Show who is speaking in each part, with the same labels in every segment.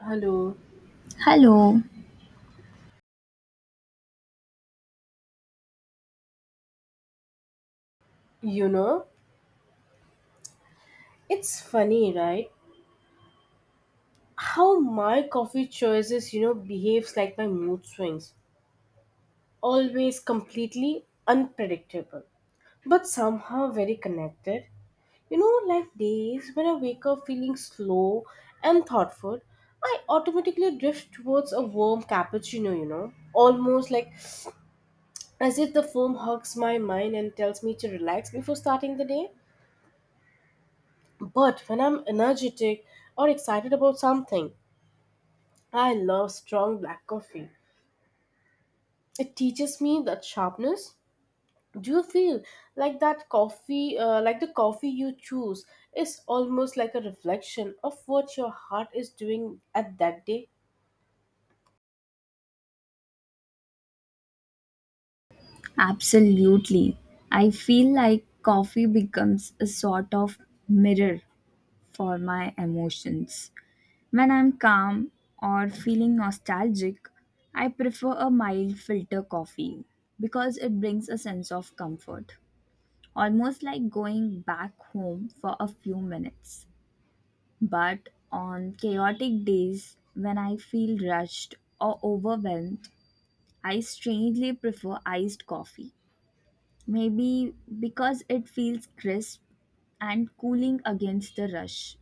Speaker 1: Hello,
Speaker 2: Hello,
Speaker 1: you know, it's funny, right? How my coffee choices, behaves like my mood swings. Always completely unpredictable, but somehow very connected. Like days when I wake up feeling slow and thoughtful, I automatically drift towards a warm cappuccino, almost like as if the foam hugs my mind and tells me to relax before starting the day. But when I'm energetic or excited about something, I love strong black coffee. It teaches me that sharpness. Do you feel like that like the coffee you choose, is almost like a reflection of what your heart is doing at that day?
Speaker 2: absolutely. I feel like coffee becomes a sort of mirror for my emotions. When I'm calm or feeling nostalgic, I prefer a mild filter coffee because it brings a sense of comfort, almost like going back home for a few minutes. But on chaotic days, when I feel rushed or overwhelmed, I strangely prefer iced coffee. Maybe because it feels crisp and cooling against the rush.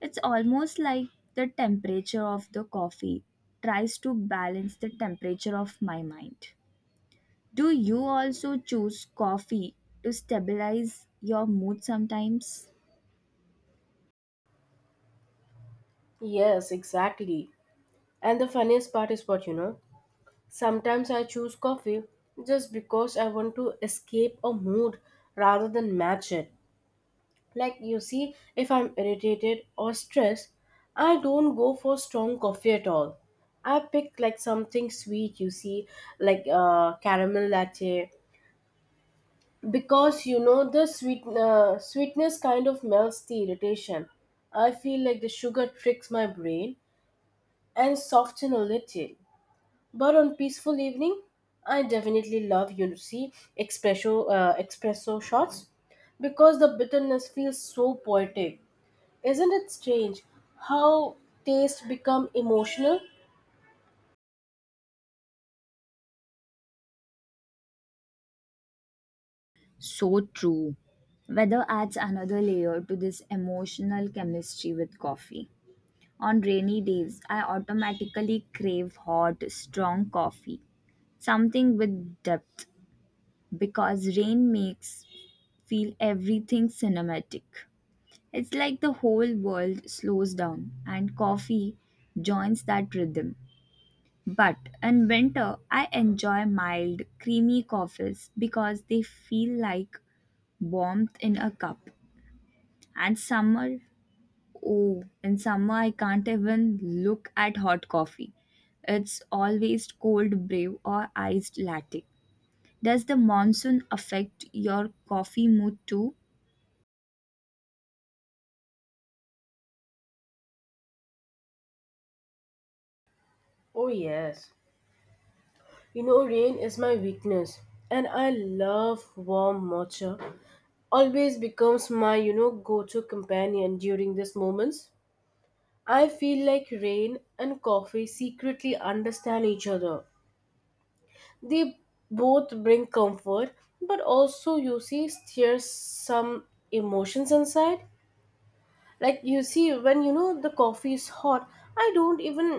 Speaker 2: It's almost like the temperature of the coffee tries to balance the temperature of my mind. Do you also choose coffee to stabilize your mood sometimes?
Speaker 1: Yes, exactly. And the funniest part is what you know. Sometimes I choose coffee just because I want to escape a mood rather than match it. Like you see, if I'm irritated or stressed, I don't go for strong coffee at all. I pick like something sweet, you see, like caramel latte, because you know the sweetness kind of melts the irritation. I feel like the sugar tricks my brain and soften a little. But on peaceful evening, I definitely love you see espresso shots because the bitterness feels so poetic isn't it strange how taste become emotional?
Speaker 2: So true. Weather adds another layer to this emotional chemistry with coffee. On rainy days, I automatically crave hot, strong coffee, something with depth, because rain makes feel everything cinematic. It's like the whole world slows down and coffee joins that rhythm. But in winter, I enjoy mild, creamy coffees because they feel like warmth in a cup. And summer, oh, in summer, I can't even look at hot coffee. It's always cold brew or iced latte. Does the monsoon affect your coffee mood too?
Speaker 1: Oh, yes. You know, rain is my weakness, and I love warm matcha. Always becomes my, you know, go-to companion during these moments. I feel like rain and coffee secretly understand each other. They both bring comfort, but also you see stir some emotions inside. Like you see when you know the coffee is hot I don't even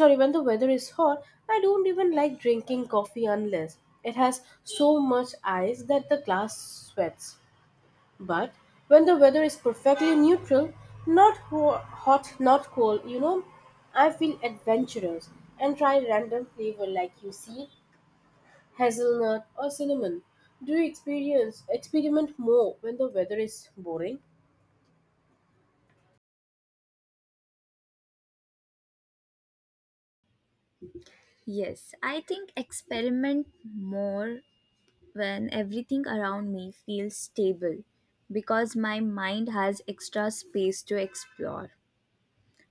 Speaker 1: sorry when the weather is hot I don't even like drinking coffee unless it has so much ice that the glass sweats. But when the weather is perfectly neutral, not ho- hot not cold, you know, I feel adventurous and try random flavor like you see hazelnut or cinnamon. Do you experience experiment more when the weather is boring?
Speaker 2: Yes, I think experiment more when everything around me feels stable because my mind has extra space to explore.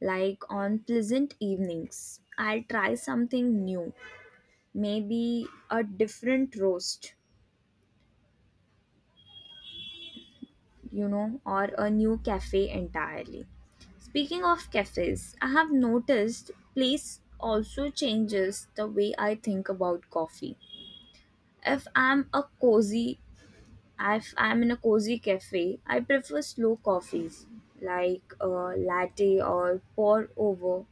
Speaker 2: Like on pleasant evenings, I'll try something new, maybe a different roast, or a new cafe entirely. Speaking of cafes, I have noticed place also changes the way I think about coffee. If I'm a cozy If I'm in a cozy cafe, I prefer slow coffees like a latte or pour over.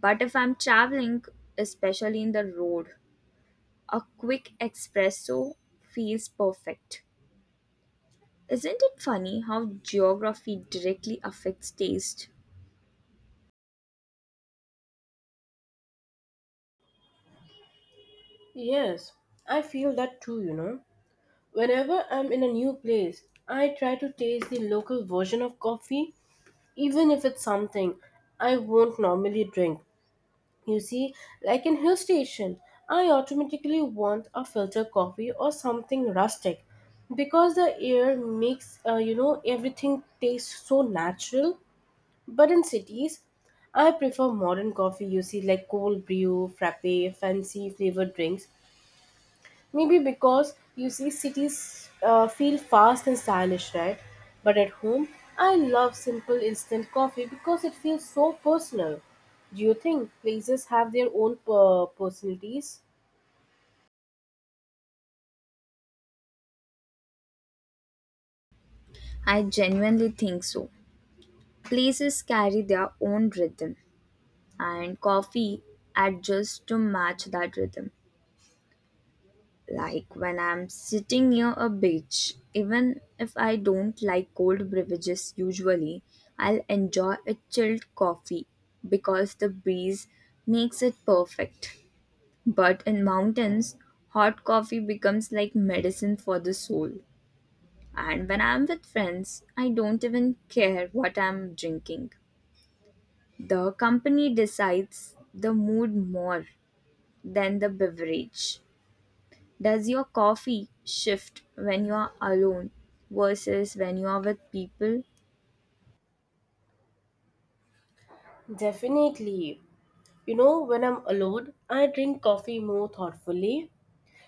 Speaker 2: But if I'm traveling, especially in the road, a quick espresso feels perfect. Isn't it funny how geography directly affects taste?
Speaker 1: Yes, I feel that too, you know. Whenever I'm in a new place, I try to taste the local version of coffee, even if it's something I won't normally drink. You see, like in hill station, I automatically want a filter coffee or something rustic because the air makes you know everything taste so natural. But in cities, I prefer modern coffee, you see, like cold brew, frappe, fancy flavored drinks. Maybe because you see cities feel fast and stylish, right? But at home, I love simple instant coffee because it feels so personal. Do you think places have their own personalities?
Speaker 2: I genuinely think so. Places carry their own rhythm, and coffee adjusts to match that rhythm. Like when I'm sitting near a beach, even if I don't like cold beverages usually, I'll enjoy a chilled coffee because the breeze makes it perfect. But in mountains, hot coffee becomes like medicine for the soul. And when I'm with friends, I don't even care what I'm drinking. The company decides the mood more than the beverage. Does your coffee shift when you are alone versus when you are with people?
Speaker 1: Definitely. You know, when I'm alone, I drink coffee more thoughtfully.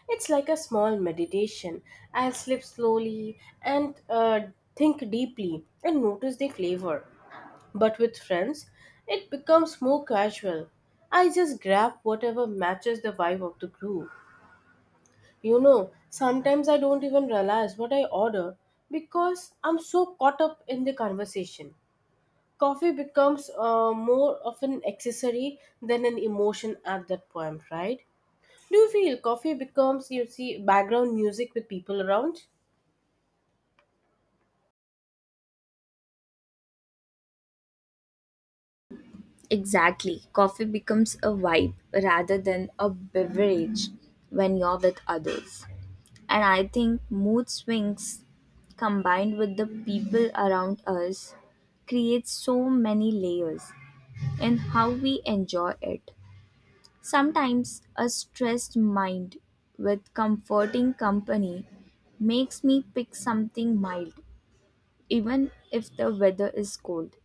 Speaker 1: It's like a small meditation. I'll sip slowly and think deeply and notice the flavor. But with friends, it becomes more casual. I just grab whatever matches the vibe of the group. You know, sometimes I don't even realize what I order because I'm so caught up in the conversation. Coffee becomes more of an accessory than an emotion at that point, right? Do you feel coffee becomes, you see, background music with people around?
Speaker 2: Exactly. Coffee becomes a vibe rather than a beverage when you're with others. And I think mood swings combined with the people around us creates so many layers in how we enjoy it. Sometimes a stressed mind with comforting company makes me pick something mild even if the weather is cold.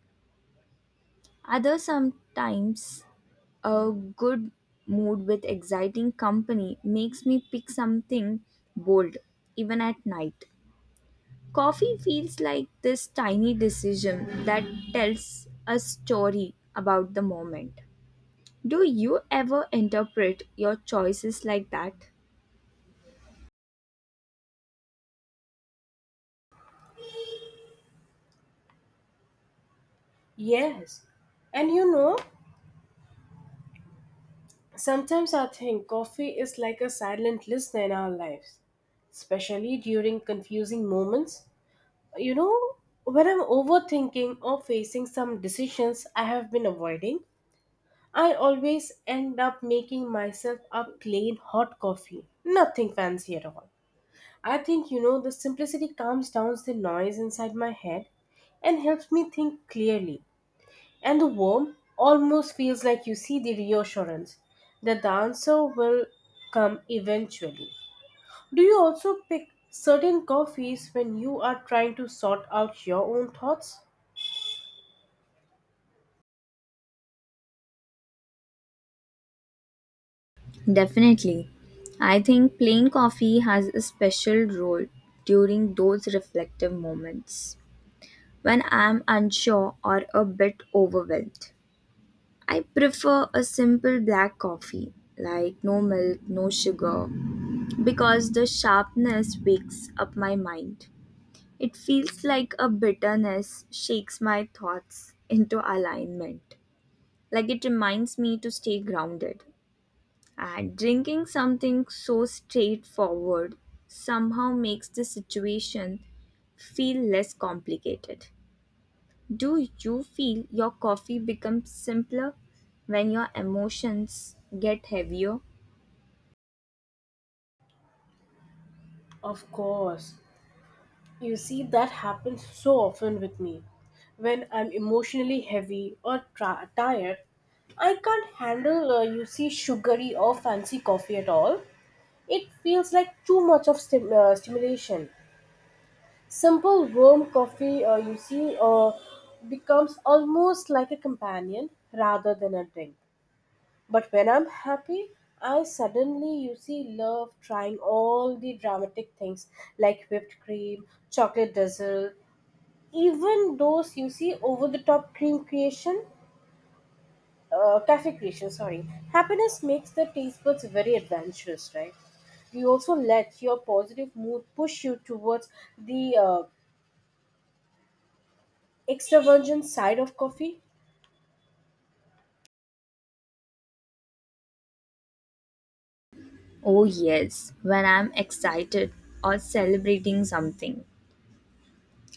Speaker 2: Others sometimes a good mood with exciting company makes me pick something bold, even at night. Coffee feels like this tiny decision that tells a story about the moment. Do you ever interpret your choices like that?
Speaker 1: Yes. And you know, sometimes I think coffee is like a silent listener in our lives, especially during confusing moments. You know, when I'm overthinking or facing some decisions I have been avoiding, I always end up making myself a plain hot coffee. Nothing fancy at all. I think, you know, the simplicity calms down the noise inside my head and helps me think clearly. And the warmth almost feels like you see the reassurance that the answer will come eventually. Do you also pick certain coffees when you are trying to sort out your own thoughts?
Speaker 2: Definitely. I think plain coffee has a special role during those reflective moments. When I'm unsure or a bit overwhelmed, I prefer a simple black coffee, like no milk, no sugar, because the sharpness wakes up my mind. It feels like a bitterness shakes my thoughts into alignment. Like it reminds me to stay grounded. And drinking something so straightforward somehow makes the situation feel less complicated. Do you feel your coffee becomes simpler when your emotions get heavier?
Speaker 1: Of course. You see, that happens so often with me. When I'm emotionally heavy or tired, I can't handle, you see, sugary or fancy coffee at all. It feels like too much of stimulation. Simple warm coffee, you see, becomes almost like a companion rather than a drink. But when I'm happy, I suddenly, you see, love trying all the dramatic things like whipped cream, chocolate drizzle, even those, you see, over the top cafe creation, sorry. Happiness makes the taste buds very adventurous, right? You also let your positive mood push you towards the extra side of coffee?
Speaker 2: Oh, yes, when I'm excited or celebrating something,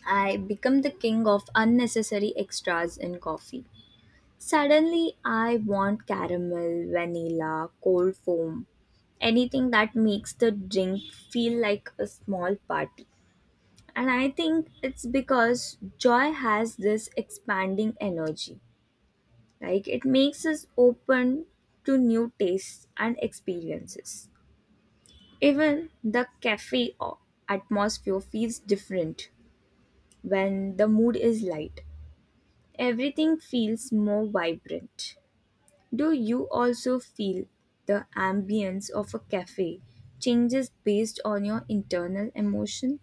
Speaker 2: I become the king of unnecessary extras in coffee. Suddenly, I want caramel, vanilla, cold foam, anything that makes the drink feel like a small party. And I think it's because joy has this expanding energy. Like it makes us open to new tastes and experiences. Even the atmosphere feels different when the mood is light. Everything feels more vibrant. Do you also feel the ambience of a cafe changes based on your internal emotion?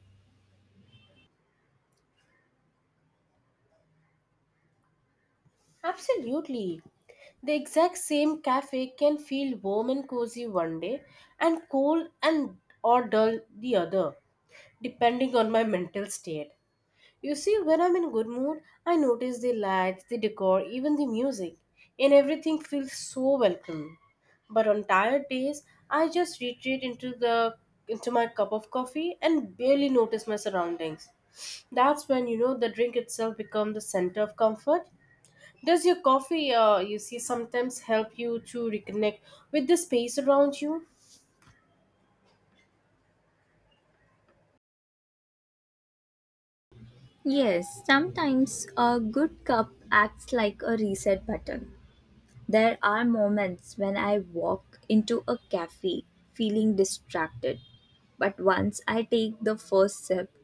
Speaker 1: Absolutely. The exact same cafe can feel warm and cozy one day and cold and or dull the other, depending on my mental state. You see, when I'm in good mood, I notice the lights, the decor, even the music, and everything feels so welcoming. But on tired days, I just retreat into the into my cup of coffee and barely notice my surroundings. That's when you know the drink itself becomes the center of comfort. Does your coffee, you see, sometimes help you to reconnect with the space around you?
Speaker 2: Yes, sometimes a good cup acts like a reset button. There are moments when I walk into a cafe feeling distracted, but once I take the first sip,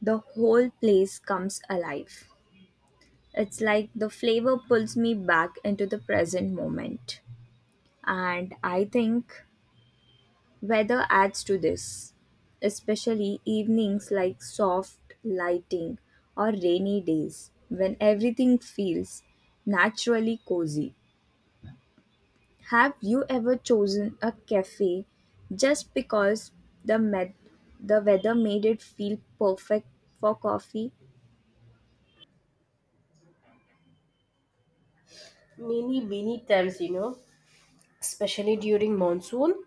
Speaker 2: the whole place comes alive. It's like the flavor pulls me back into the present moment. And I think weather adds to this, especially evenings like soft lighting or rainy days when everything feels naturally cozy. Have you ever chosen a cafe just because the med- the weather made it feel perfect for coffee?
Speaker 1: Many, many times, you know, especially during monsoon.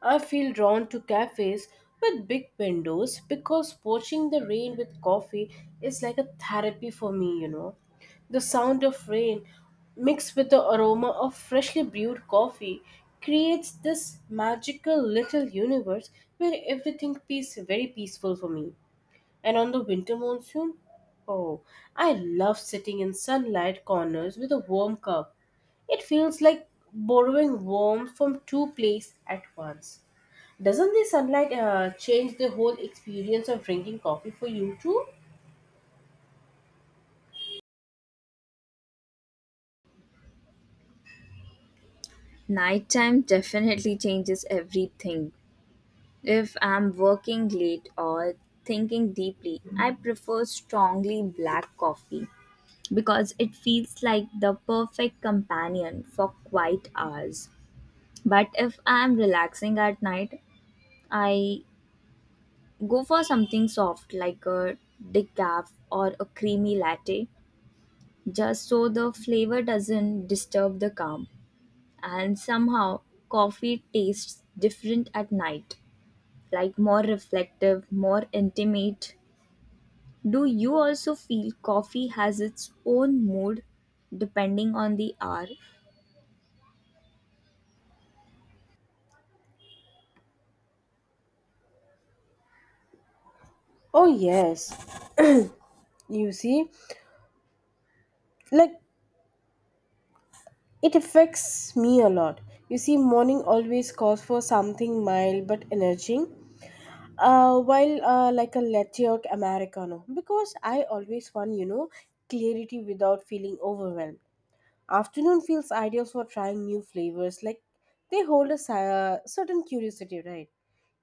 Speaker 1: I feel drawn to cafes with big windows because watching the rain with coffee is like a therapy for me, you know. The sound of rain mixed with the aroma of freshly brewed coffee creates this magical little universe where everything is very peaceful for me. And on the winter monsoon, oh, I love sitting in sunlight corners with a warm cup. It feels like borrowing warmth from two places at once. Doesn't the sunlight change the whole experience of drinking coffee for you too?
Speaker 2: Nighttime definitely changes everything. If I'm working late or thinking deeply, I prefer strongly black coffee because it feels like the perfect companion for quiet hours. But if I'm relaxing at night, I go for something soft like a decaf or a creamy latte just so the flavor doesn't disturb the calm. And somehow, coffee tastes different at night, like more reflective, more intimate. Do you also feel coffee has its own mood depending on the hour?
Speaker 1: Oh, yes. You see, like it affects me a lot. You see, morning always calls for something mild but energizing. While like a latte or americano, because I always want you know clarity without feeling overwhelmed. Afternoon feels ideal for trying new flavors, like they hold a certain curiosity, right?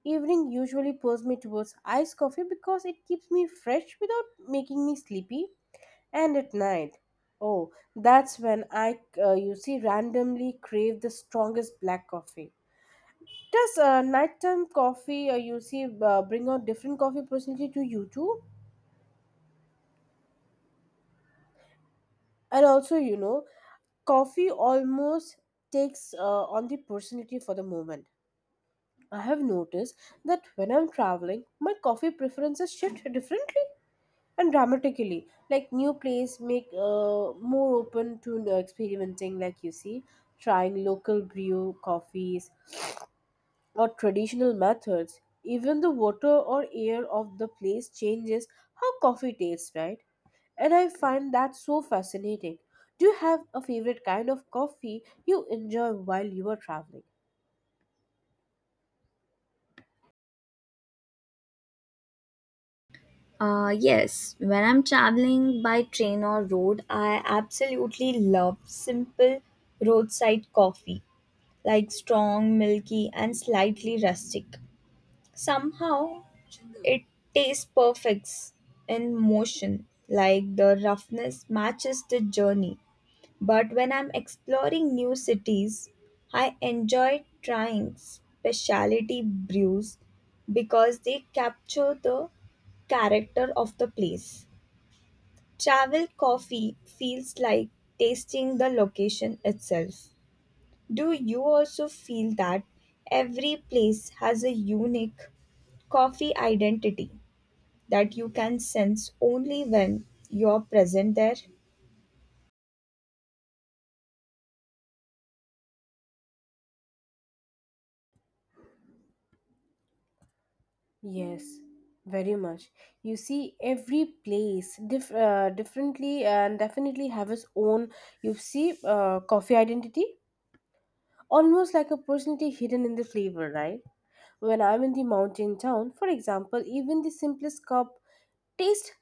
Speaker 1: Evening usually pulls me towards iced coffee because it keeps me fresh without making me sleepy. And at night, oh, that's when I, you see, randomly crave the strongest black coffee. Does nighttime coffee, you see, bring out different coffee personality to you too? And also, you know, coffee almost takes on the personality for the moment. I have noticed that when I'm traveling, my coffee preferences shift differently and dramatically. Like new place make more open to experimenting. Like you see, trying local brew coffees or traditional methods. Even the water or air of the place changes how coffee tastes, right? And I find that so fascinating. Do you have a favorite kind of coffee you enjoy while you are traveling?
Speaker 2: Yes, when I'm traveling by train or road, I absolutely love simple roadside coffee, like strong, milky, and slightly rustic. Somehow, it tastes perfect in motion, like the roughness matches the journey. But when I'm exploring new cities, I enjoy trying specialty brews because they capture the character of the place. Travel coffee feels like tasting the location itself. Do you also feel that every place has a unique coffee identity that you can sense only when you're present there?
Speaker 1: Yes, very much. You see, every place differently and definitely have its own, you see, coffee identity, almost like a personality hidden in the flavor, right? When I'm in the mountain town, for example, even the simplest cup tastes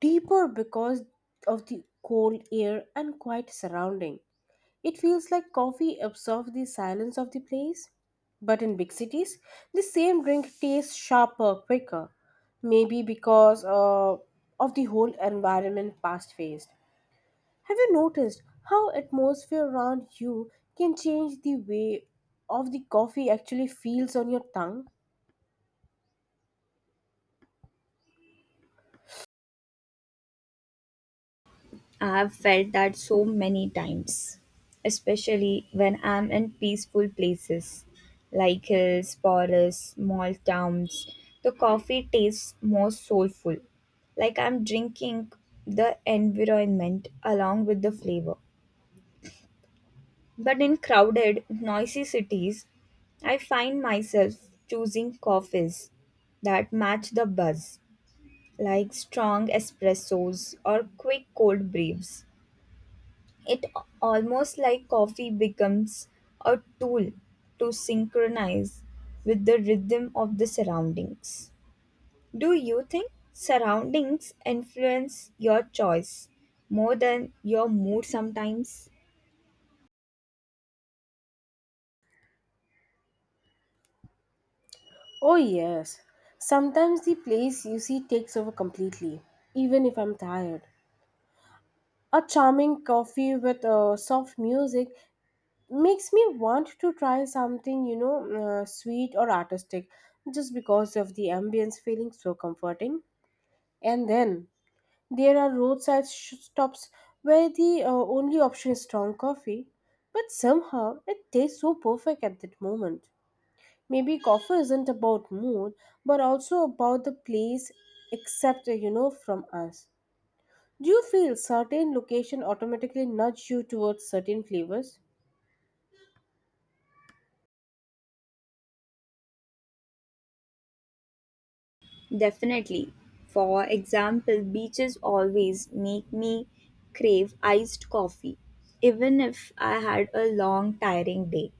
Speaker 1: deeper because of the cold air and quiet surrounding. It feels like coffee absorbs the silence of the place. But in big cities, the same drink tastes sharper, quicker. Maybe because of the whole environment fast paced. Have you noticed how atmosphere around you can change the way of the coffee actually feels on your tongue?
Speaker 2: I've felt that so many times, especially when I'm in peaceful places like hills, forests, small towns. The coffee tastes more soulful, like I'm drinking the environment along with the flavor. But in crowded, noisy cities, I find myself choosing coffees that match the buzz, like strong espressos or quick cold brews. It almost like coffee becomes a tool to synchronize with the rhythm of the surroundings. Do you think surroundings influence your choice more than your mood sometimes?
Speaker 1: Oh, yes. Sometimes the place you see takes over completely, even if I'm tired. A charming coffee with soft music makes me want to try something you know sweet or artistic just because of the ambience feeling so comforting. And then there are stops where the only option is strong coffee, but somehow it tastes so perfect at that moment. Maybe coffee isn't about mood but also about the place, except you know from us. Do you feel certain location automatically nudge you towards certain flavors?
Speaker 2: Definitely. For example, beaches always make me crave iced coffee, even if I had a long, tiring day.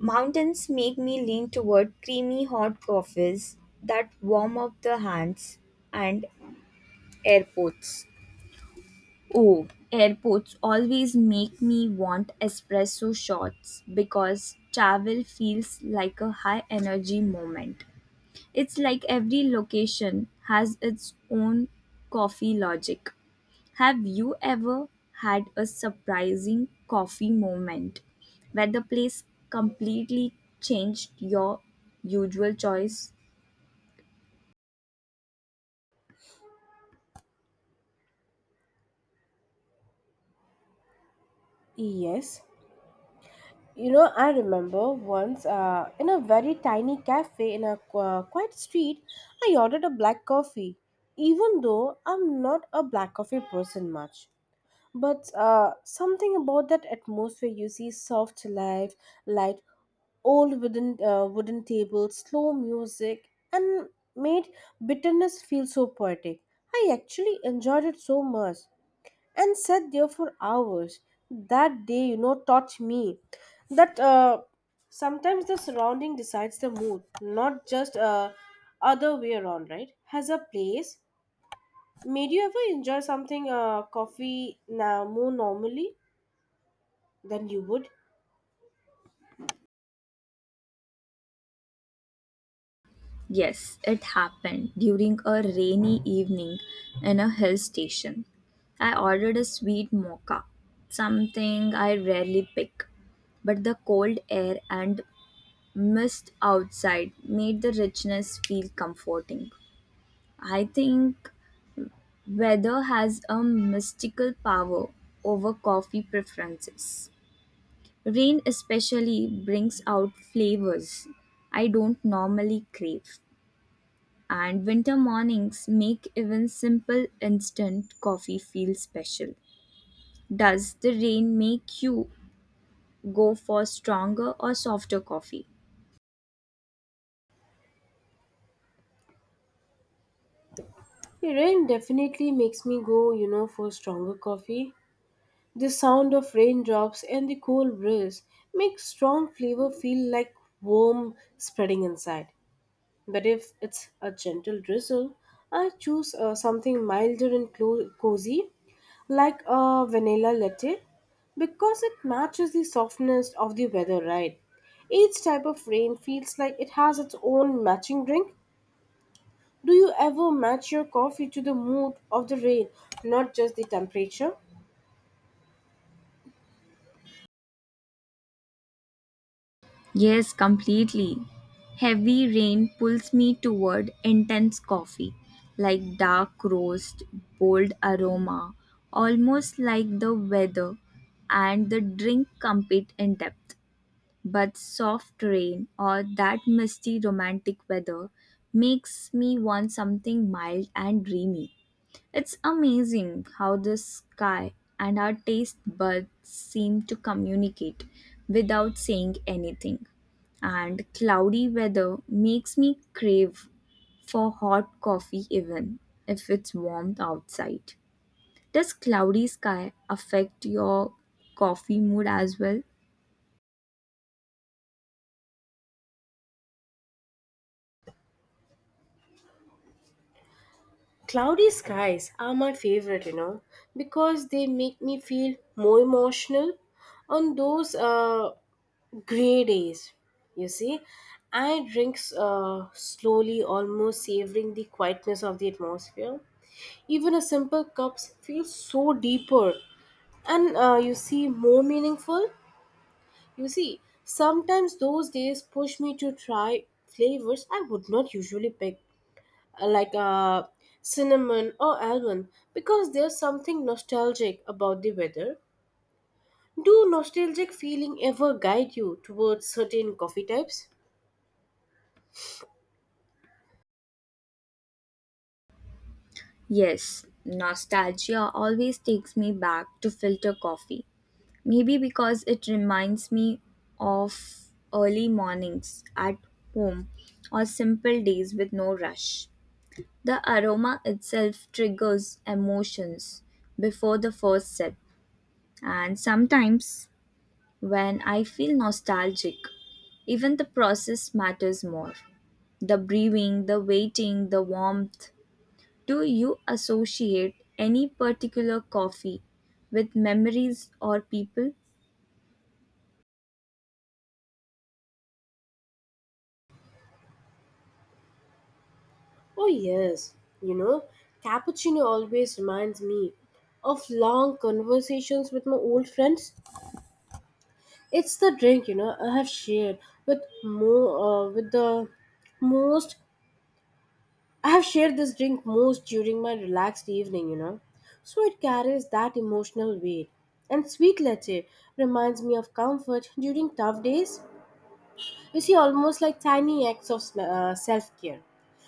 Speaker 2: Mountains make me lean toward creamy hot coffees that warm up the hands and airports. Oh, airports always make me want espresso shots because travel feels like a high energy moment. It's like every location has its own coffee logic. Have you ever had a surprising coffee moment where the place completely changed your usual choice?
Speaker 1: Yes. You know, I remember once in a very tiny cafe in a quiet street, I ordered a black coffee, even though I'm not a black coffee person much. But something about that atmosphere you see soft light, wooden tables, slow music, and made bitterness feel so poetic. I actually enjoyed it so much and sat there for hours. That day, you know, taught me that sometimes the surrounding decides the mood, not just other way around, right? Has a place made you ever enjoy something coffee now more normally than you would?
Speaker 2: Yes, it happened during a rainy evening in a hill station. I ordered a sweet mocha, something I rarely pick, but the cold air and mist outside made the richness feel comforting. I think weather has a mystical power over coffee preferences. Rain especially brings out flavors I don't normally crave, and winter mornings make even simple instant coffee feel special. Does the rain make you go for stronger or softer coffee?
Speaker 1: The rain definitely makes me go, you know, for stronger coffee. The sound of raindrops and the cool breeze makes strong flavor feel like warm spreading inside. But if it's a gentle drizzle, I choose something milder and cozy, like a vanilla latte, because it matches the softness of the weather, right? Each type of rain feels like it has its own matching drink. Do you ever match your coffee to the mood of the rain, not just the temperature?
Speaker 2: Yes, completely. Heavy rain pulls me toward intense coffee, like dark roast, bold aroma, almost like the weather and the drink compete in depth. But soft rain or that misty romantic weather makes me want something mild and dreamy. It's amazing how the sky and our taste buds seem to communicate without saying anything. And cloudy weather makes me crave for hot coffee even if it's warm outside. Does cloudy sky affect your coffee mood as well?
Speaker 1: Cloudy skies are my favorite, you know, because they make me feel more emotional on those grey days, you see. I drink slowly, almost savoring the quietness of the atmosphere. Even a simple cup feels so deeper and you see more meaningful. You see, sometimes those days push me to try flavors I would not usually pick, like cinnamon or almond, because there's something nostalgic about the weather. Do nostalgic feeling ever guide you towards certain coffee types?
Speaker 2: Yes, nostalgia always takes me back to filter coffee. Maybe because it reminds me of early mornings at home or simple days with no rush. The aroma itself triggers emotions before the first sip, and sometimes when I feel nostalgic, even the process matters more. The breathing, the waiting, the warmth. Do you associate any particular coffee with memories or people?
Speaker 1: Oh, yes. You know, cappuccino always reminds me of long conversations with my old friends. It's the drink, you know, I have shared with the most, I have shared this drink most during my relaxed evening, you know. So it carries that emotional weight. And sweet leche reminds me of comfort during tough days. You see, almost like tiny acts of self care.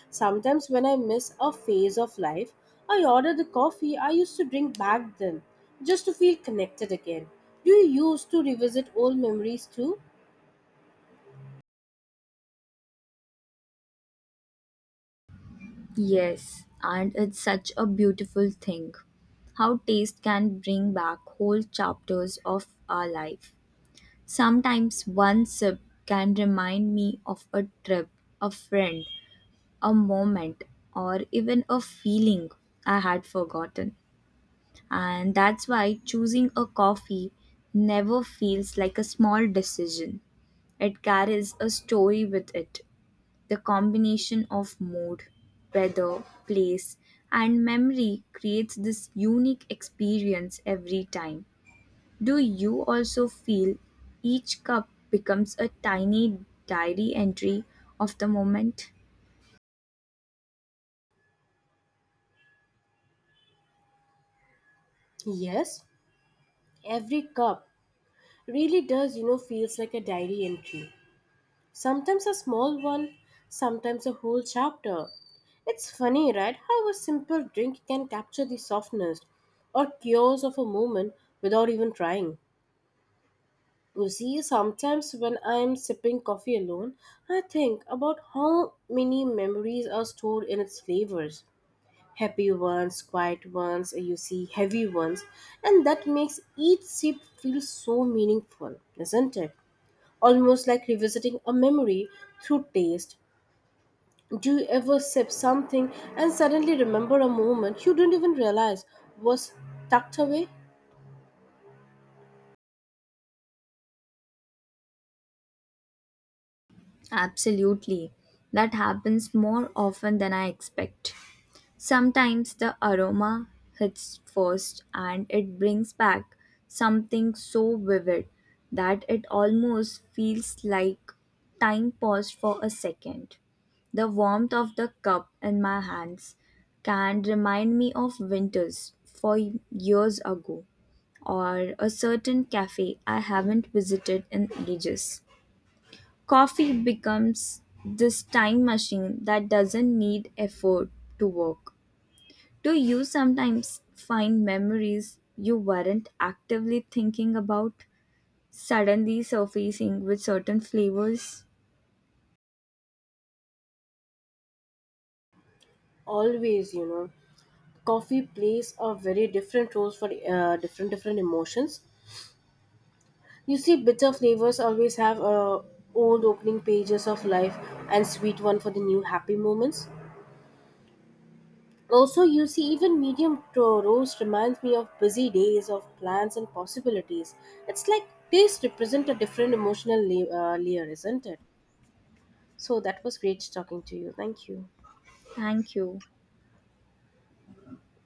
Speaker 1: Sometimes, when I miss a phase of life, I order the coffee I used to drink back then just to feel connected again. Do you used to revisit old memories too?
Speaker 2: Yes, and it's such a beautiful thing how taste can bring back whole chapters of our life. Sometimes one sip can remind me of a trip, a friend, a moment, or even a feeling I had forgotten. And that's why choosing a coffee never feels like a small decision, it carries a story with it. The combination of mood, weather, place, and memory creates this unique experience every time. Do you also feel each cup becomes a tiny diary entry of the moment?
Speaker 1: Yes, every cup really does, you know, feels like a diary entry. Sometimes a small one, sometimes a whole chapter. It's funny, right, how a simple drink can capture the softness or chaos of a moment without even trying. You see, sometimes when I'm sipping coffee alone, I think about how many memories are stored in its flavors. Happy ones, quiet ones, you see, heavy ones, and that makes each sip feel so meaningful, isn't it? Almost like revisiting a memory through taste. Do you ever sip something and suddenly remember a moment you didn't even realize was tucked away?
Speaker 2: Absolutely. That happens more often than I expect. Sometimes the aroma hits first and it brings back something so vivid that it almost feels like time paused for a second. The warmth of the cup in my hands can remind me of winters 4 years ago or a certain cafe I haven't visited in ages. Coffee becomes this time machine that doesn't need effort to work. Do you sometimes find memories you weren't actively thinking about suddenly surfacing with certain flavors?
Speaker 1: Always, you know, coffee plays a very different roles for different emotions. You see bitter flavors always have old opening pages of life, and sweet one for the new happy moments. Also you see even roast reminds me of busy days of plans and possibilities. It's like taste represent a different layer, isn't it? So that was great talking to you, thank you.
Speaker 2: Thank you.